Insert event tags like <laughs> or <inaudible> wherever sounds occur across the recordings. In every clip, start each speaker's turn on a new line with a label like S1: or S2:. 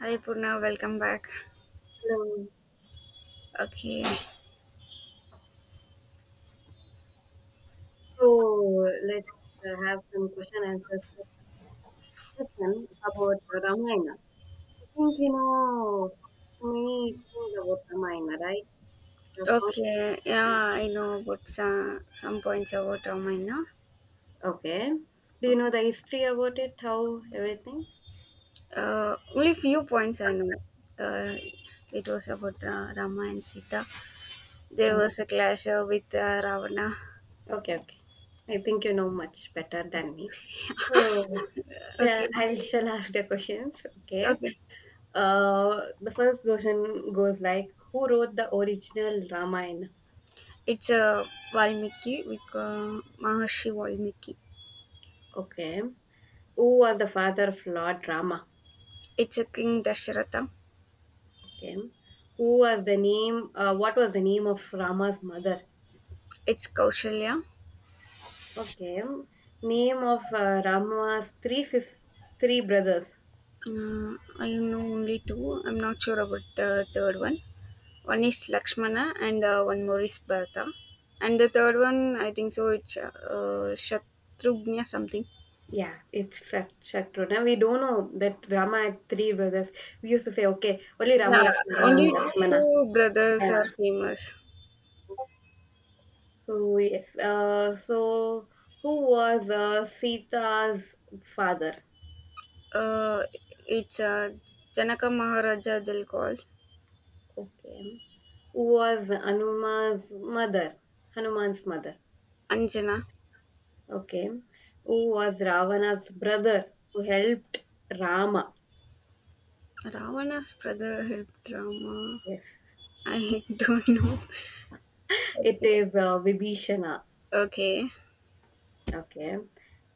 S1: Hi Purna, welcome back.
S2: Hello.
S1: Okay,
S2: So let's have some question answer session about Ramayana. I think you know so many things about Ramayana, right? The
S1: okay, yeah, I know about some points about Ramayana. No?
S2: Okay. Do you
S1: Okay.
S2: know the history about it? How everything?
S1: Only few points I know. Uh, it was about Rama and Sita. There
S2: Okay,
S1: was a clash with Ravana.
S2: okay, okay. I think you know much better than me. So, shall
S1: Okay,
S2: I shall ask the questions. Okay.
S1: okay.
S2: The first question goes like, who wrote the original Ramayana?
S1: It's a Valmiki, with Maharishi Valmiki.
S2: Okay. Who was the father of Lord Rama?
S1: It's a King Dasharatha.
S2: Okay. Who was the name? What was the name of Rama's mother?
S1: It's Kaushalya.
S2: Okay. Name of Rama's three brothers.
S1: I know only two. I'm not sure about the third one. One is Lakshmana, and one more is Bharata, and the third one I think so. It's Shatrughna something.
S2: Yeah, it's Shatruna. We don't know that Rama had three brothers. We used to say, okay, only Rama
S1: Yeah,
S2: Lakshmana, Rama
S1: only
S2: Lakshmana.
S1: two brothers are
S2: Yeah.
S1: famous.
S2: So yes. So who was Sita's father?
S1: Uh, it's Janaka Maharaja they'll call
S2: Okay. Who was Hanuman's mother? Hanuman's mother.
S1: Anjana.
S2: Okay. Who was Ravana's brother who helped Rama?
S1: Ravana's brother helped Rama.
S2: Yes.
S1: I <laughs> don't know.
S2: It
S1: Okay.
S2: is Vibhishana.
S1: Okay.
S2: Okay.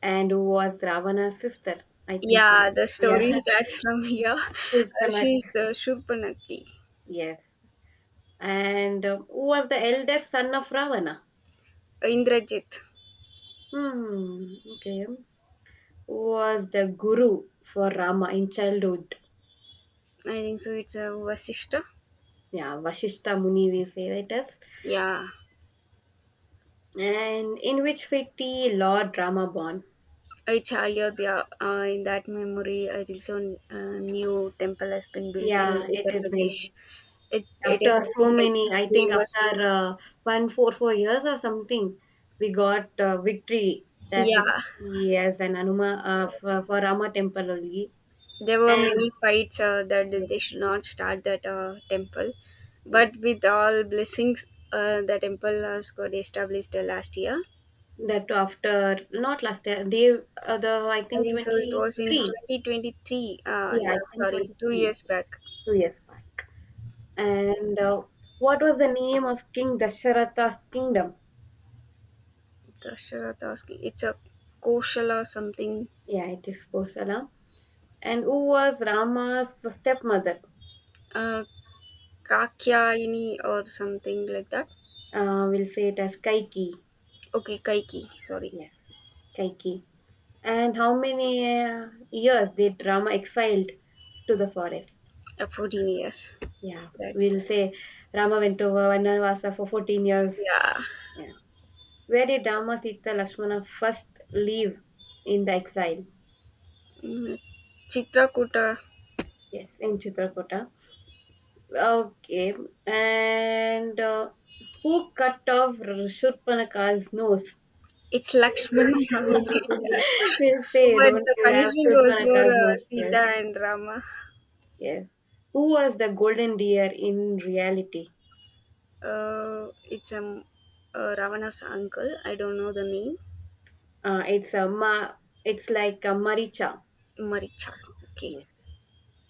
S2: And who was Ravana's sister? I think you
S1: Yeah, the
S2: know. Yeah.
S1: story starts from here. <laughs>
S2: <laughs> Shurpanakha.
S1: She's Shurpanaki.
S2: Yes. And who was the eldest son of Ravana?
S1: Indrajit.
S2: Hmm. Okay. Who was the guru for Rama in childhood?
S1: I think so. It's a Vasishta.
S2: Yeah. Vashishta Muni, we say it is.
S1: Yeah,
S2: And in which city Lord Rama born?
S1: it's higher there in that memory. I think so. New temple has been built in
S2: Yeah, it
S1: Uttar
S2: is has been.
S1: Pradesh. It is
S2: After so
S1: very
S2: many, I think
S1: famous.
S2: after one, four, 4 years or something, we got victory that it,
S1: Yeah,
S2: yes, an Anuma, for Rama temple only.
S1: there were
S2: And
S1: many fights that
S2: yes,
S1: they should not start that temple,
S2: yes,
S1: but with all blessings, the temple has got established last year.
S2: that too after not last year, day the, I
S1: I
S2: think,
S1: think so. It was in
S2: 23.
S1: 2023.
S2: Yeah, I
S1: Yeah,
S2: think
S1: sorry, two
S2: 23,
S1: years back.
S2: 2 years back. And what was the name of King Dasharatha's kingdom?
S1: Dasharatha asking. It's a Koshala something.
S2: Yeah, it is Posala. And who was Rama's stepmother?
S1: Uh, Kakyaini or something like that.
S2: We'll say it as Kaiki.
S1: Okay, Kaiki, sorry.
S2: Yes, Kaiki. And how many years did Rama exiled to the forest?
S1: Aphrodite, yes.
S2: Yeah,
S1: That,
S2: we'll say Rama went over Vanavasa for 14 years.
S1: yeah.
S2: Yeah. Where did Rama, Sita, Lakshmana first live in the exile?
S1: Mm, Chitrakuta,
S2: Yes, in Chitrakuta. Okay, and who cut off Shurpanaka's nose?
S1: it's Lakshmana <laughs> who did
S2: <laughs>
S1: that.
S2: we'll say,
S1: But
S2: don't
S1: the
S2: you have
S1: punishment was for
S2: Shurpanaka's nose? Yes,
S1: Sita and Rama.
S2: yes. Who was the golden deer in reality?
S1: It's Ravana's uncle. I don't know the name.
S2: Uh, it's a ma- it's like a Maricha.
S1: Maricha. Okay.
S2: Yes.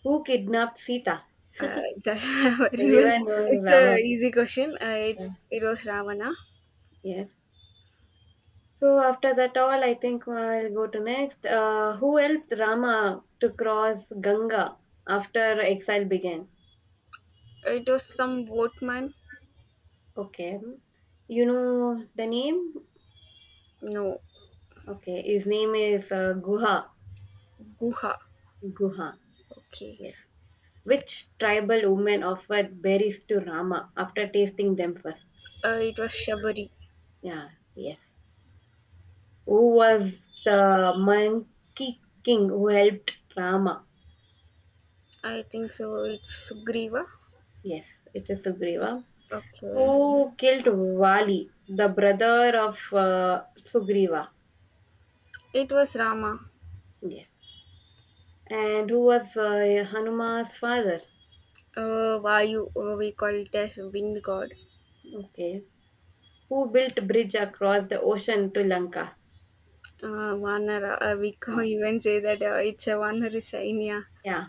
S2: Who kidnapped Sita?
S1: That's <laughs> very well.
S2: Everyone knows
S1: It's a
S2: Ravan.
S1: easy question. It was Ravana.
S2: Yes. So after that all, I think I'll go to next. Who helped Rama to cross Ganga after exile began?
S1: It was some boatman.
S2: Okay. You know the name?
S1: No,
S2: Okay. His name is Guha.
S1: Guha.
S2: Guha.
S1: Okay.
S2: Yes. Which tribal woman offered berries to Rama after tasting them first?
S1: It was Shabari.
S2: Yeah. Yes. Who was the monkey king who helped Rama?
S1: I think so. It's Sugriva.
S2: Yes, it is Sugriva.
S1: Okay.
S2: Who killed Vali, the brother of Sugriva?
S1: It was Rama.
S2: Yes. And who was Hanuma's father?
S1: Vayu, we call it as wind god.
S2: Okay. Who built bridge across the ocean to Lanka?
S1: Vanara, we <laughs> can
S2: Uh,
S1: even say that it's a Vanara Sainya.
S2: yeah,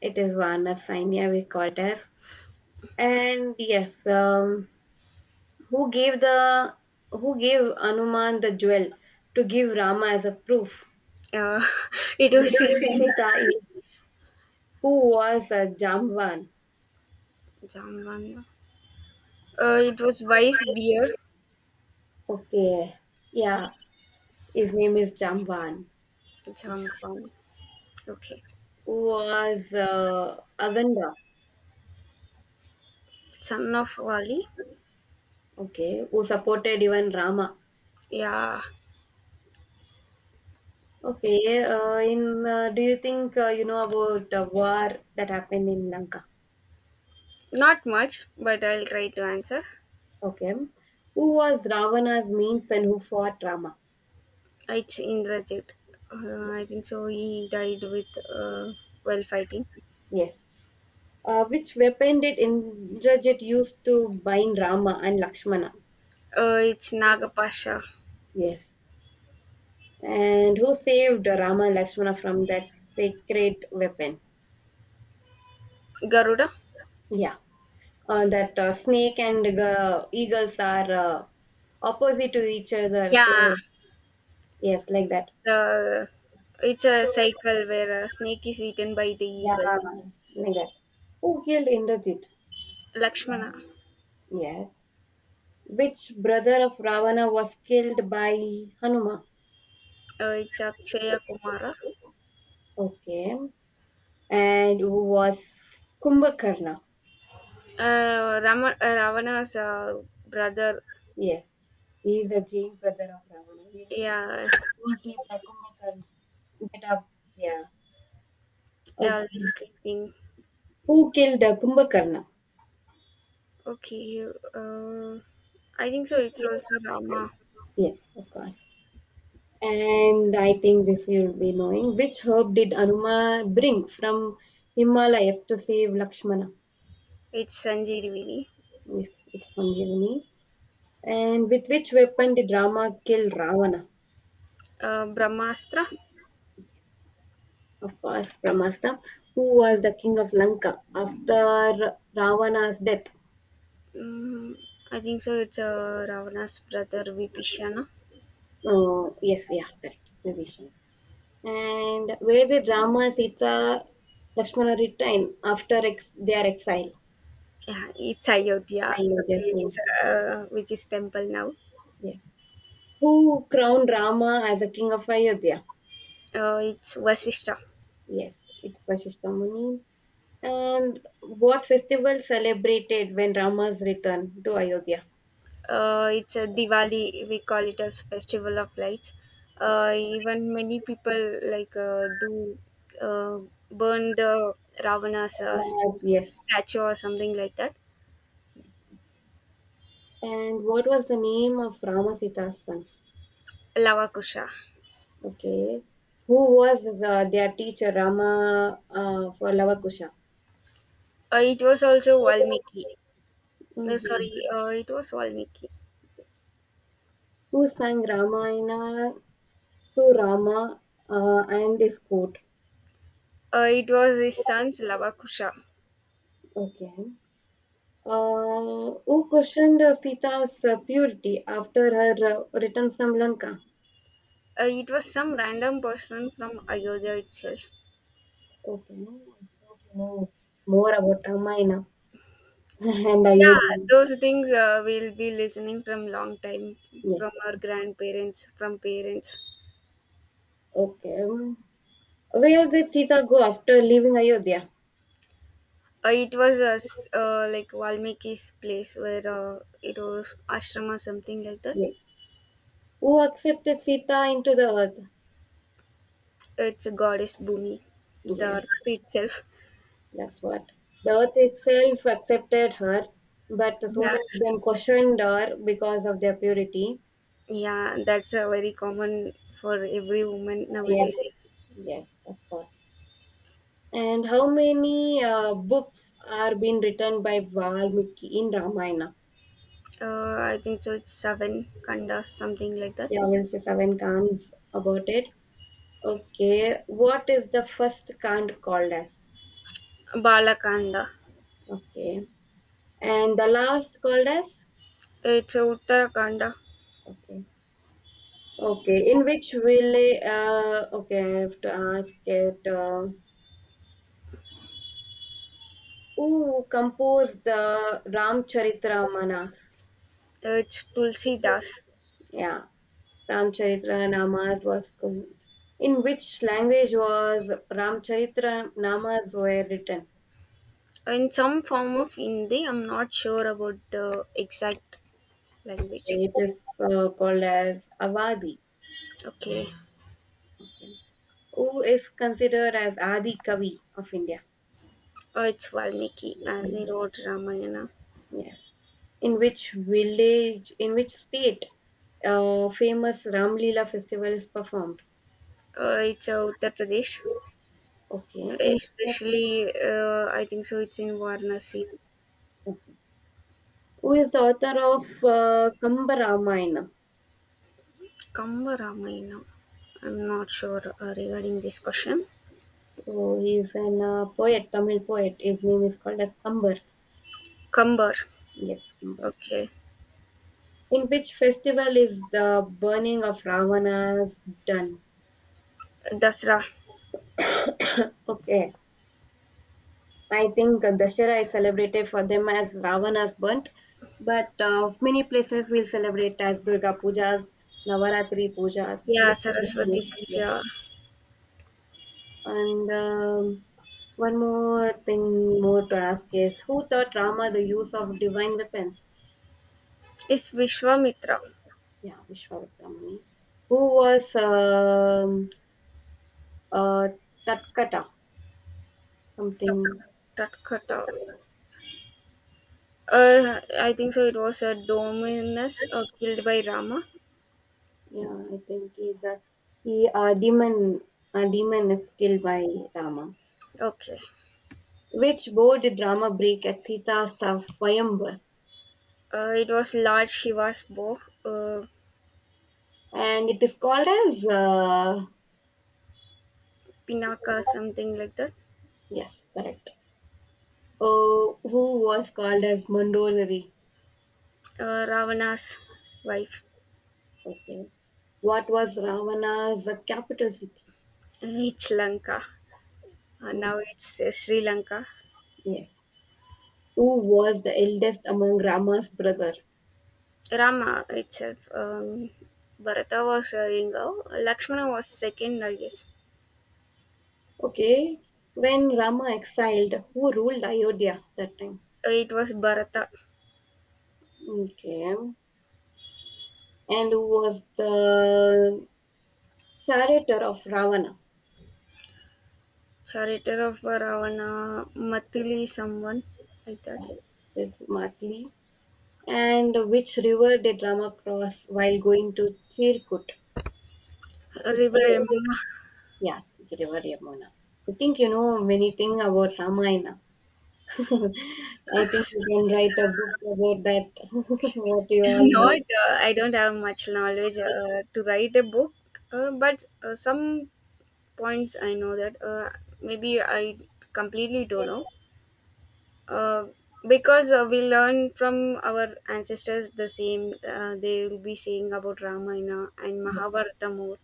S2: it is Varna Sainya, we call it as. And yes, who gave the who gave Anuman the jewel to give Rama as a proof?
S1: Uh, <laughs> it was Sita.
S2: Little Sinita is who was a Jamvan.
S1: Jamvana. It was Vice Beer.
S2: Okay, yeah, his name is Jamvan.
S1: Jamvan. Okay.
S2: Who was Aganda?
S1: Son of Wali.
S2: Okay, who supported even Rama?
S1: Yeah.
S2: Okay, in do you think you know about the war that happened in Lanka?
S1: Not much, but I'll try to answer.
S2: Okay, who was Ravana's means and who fought Rama?
S1: It's Indrajit. I think so. He died with uh, while fighting.
S2: Yes. Which weapon did Indrajit use to bind Rama and Lakshmana?
S1: It's Nagapasha
S2: Yes. And who saved Rama and Lakshmana from that sacred weapon?
S1: Garuda.
S2: Yeah, that snake and eagles are opposite to each other.
S1: Yeah,
S2: So yes, like that.
S1: the it's a cycle where a snake is eaten by the
S2: Yeah,
S1: eagle.
S2: like that. Who killed Indrajit?
S1: Lakshmana.
S2: Yes. Which brother of Ravana was killed by Hanuma?
S1: It's Akshaya Kumara.
S2: Okay. And who was Kumbhakarna?
S1: Rama, Ravana's brother.
S2: Yes, he is a Jain brother of Ravana. We'll say
S1: Yeah,
S2: mostly by Kumbhakarna. Get up. Yeah. Okay.
S1: always sleeping.
S2: Who killed Kumbhakarna?
S1: Okay. Uh, I think so. It's also Rama.
S2: Yes, of course. And I think this you'll be knowing. Which herb did Anuma bring from Himalayas to save Lakshmana?
S1: It's Sanjeev Vini.
S2: Yes, it's Sanjeevani. And with which weapon did Rama kill Ravana?
S1: Brahmastra.
S2: Of course, Brahmastra. Who was the king of Lanka after Ravana's death?
S1: Mm, I think so. It's Ravana's brother Vipishana.
S2: Yes, yeah, correct. Maybe. And where the Rama, Sita, Lakshmana return after their exile?
S1: Yeah, it's Ayodhya,
S2: I
S1: the
S2: know their
S1: place
S2: name.
S1: which is temple now.
S2: Yes. Who crowned Rama as a king of Ayodhya?
S1: It's Vasishta.
S2: Yes, it's Vasishtamuni. And what festival celebrated when Rama's return to Ayodhya?
S1: It's a Diwali. We call it as festival of lights.
S2: Yes.
S1: Even many people like do uh, burn the Ravana's
S2: Rama's, yes.
S1: statue or something like that.
S2: And what was the name of Rama Sita's son?
S1: Lavakusha.
S2: Okay. Who was their teacher, Rama, for Lavakusha?
S1: It was also Valmiki. Uh,
S2: Mhm.
S1: sorry, uh, it was Valmiki.
S2: Who sang Ramayana to Rama, and his court?
S1: It was his son's Lavakusha.
S2: Okay. Who questioned Sita's purity after her return from Lanka?
S1: It was some random person from Ayodhya itself.
S2: Okay. I think you know more about Ramayana <laughs> and
S1: Yeah,
S2: Ayodhya.
S1: those things we'll be listening from long time,
S2: Yes.
S1: from our grandparents, from parents.
S2: Okay. Where did Sita go after leaving Ayodhya?
S1: It was like Valmiki's place where it was ashram or something like that.
S2: Yes. Who accepted Sita into the earth?
S1: It's a goddess Bhumi, the
S2: Yes.
S1: earth itself.
S2: That's what. The earth itself accepted her, but so
S1: Yeah,
S2: many of them questioned her because of their purity.
S1: yeah, that's very common for every woman
S2: Yes,
S1: nowadays.
S2: yes, of course. And how many books are being written by Valmiki in Ramayana?
S1: I think so. It's seven kandas, something like that.
S2: Yeah, we'll say seven Khans about it. Okay, what is the first Khan called as?
S1: Balakanda.
S2: Okay, and the last called as?
S1: It's Uttarakhand.
S2: Okay, okay. In which will Okay, I have to ask it. Who composed the Ramcharitramanas?
S1: It's Tulsi Das.
S2: Yeah, Ramcharitramanas was com- in which language was Ramcharitramanas were written?
S1: In some form of Hindi, I'm not sure about the exact language.
S2: It is called as Avadi.
S1: Okay.
S2: Okay. Who is considered as Adi Kavi of India?
S1: It's Valmiki, as he wrote Ramayana.
S2: Yes. In which village, in which state, famous Ramlila festival is performed?
S1: It's Uttar Pradesh.
S2: Okay. In
S1: Especially, I think so, it's in Varanasi.
S2: Who is the author of Kambara Mine?
S1: Kamba Ramayana. I'm not sure regarding this question.
S2: So he is an poet, Tamil poet. His name is called as Kambar.
S1: Kambar.
S2: Yes, Kambar.
S1: Okay.
S2: In which festival is the burning of Ravana's done?
S1: Dasra.
S2: <coughs> okay, I think Dashera is celebrated for them as Ravana's burnt, but many places will celebrate as Durga Pujas, Navaratri Pujas.
S1: Yeah, Saraswati
S2: Yes.
S1: Puja.
S2: And one more thing more to ask is who taught Rama the use of divine weapons?
S1: Is Vishwamitra.
S2: Yeah, Vishwavitramani. Who was uh, Tatkata? Something.
S1: Tak- Tatkata. I think so. It was a Dominus killed by Rama.
S2: Yeah, I think he's a demon. A demon is killed by Rama.
S1: Okay.
S2: Which bow did Rama break at Sita's Swayamvar?
S1: It was Lord Shiva's bow, uh,
S2: And it is called as
S1: Pinaka, something like that.
S2: yes, correct. Oh, who was called as Mandolari?
S1: Ravana's wife.
S2: Okay. What was Ravana's capital city?
S1: And it's Lanka.
S2: Mm.
S1: Now it's Sri Lanka.
S2: Yes. Who was the eldest among Rama's brother?
S1: Rama itself. Bharata was Ingo. Lakshmana was second, I guess.
S2: Okay. When Rama exiled, who ruled Ayodhya that time?
S1: It was Bharata,
S2: Okay. And who was the charioteer of Ravana?
S1: charioteer of Ravana, Matili, someone like that.
S2: This is Matli. And which river did Rama cross while going to Chirkut?
S1: River
S2: Chitra-
S1: Yamuna.
S2: Yeah, river Yamuna. I think you know many things about Ramayana. <laughs> I think you can write a book about that, <laughs> what you
S1: <laughs>
S2: all
S1: I'm
S2: know.
S1: not, I don't have much knowledge to write a book, but some points I know that maybe I completely don't
S2: Yes,
S1: know. Uh, because we learn from our ancestors the same, they will be saying about Ramayana and
S2: yes,
S1: Mahabharata more,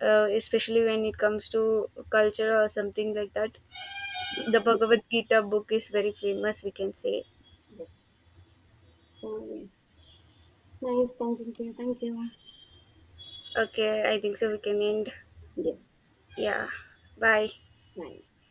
S1: especially when it comes to culture or something like that. The Bhagavad Gita book is very famous, we can say.
S2: yes. Oh, yes. Nice talking to you. Thank you.
S1: Okay, I think so. We can end.
S2: Yes,
S1: Yeah, bye.
S2: nice.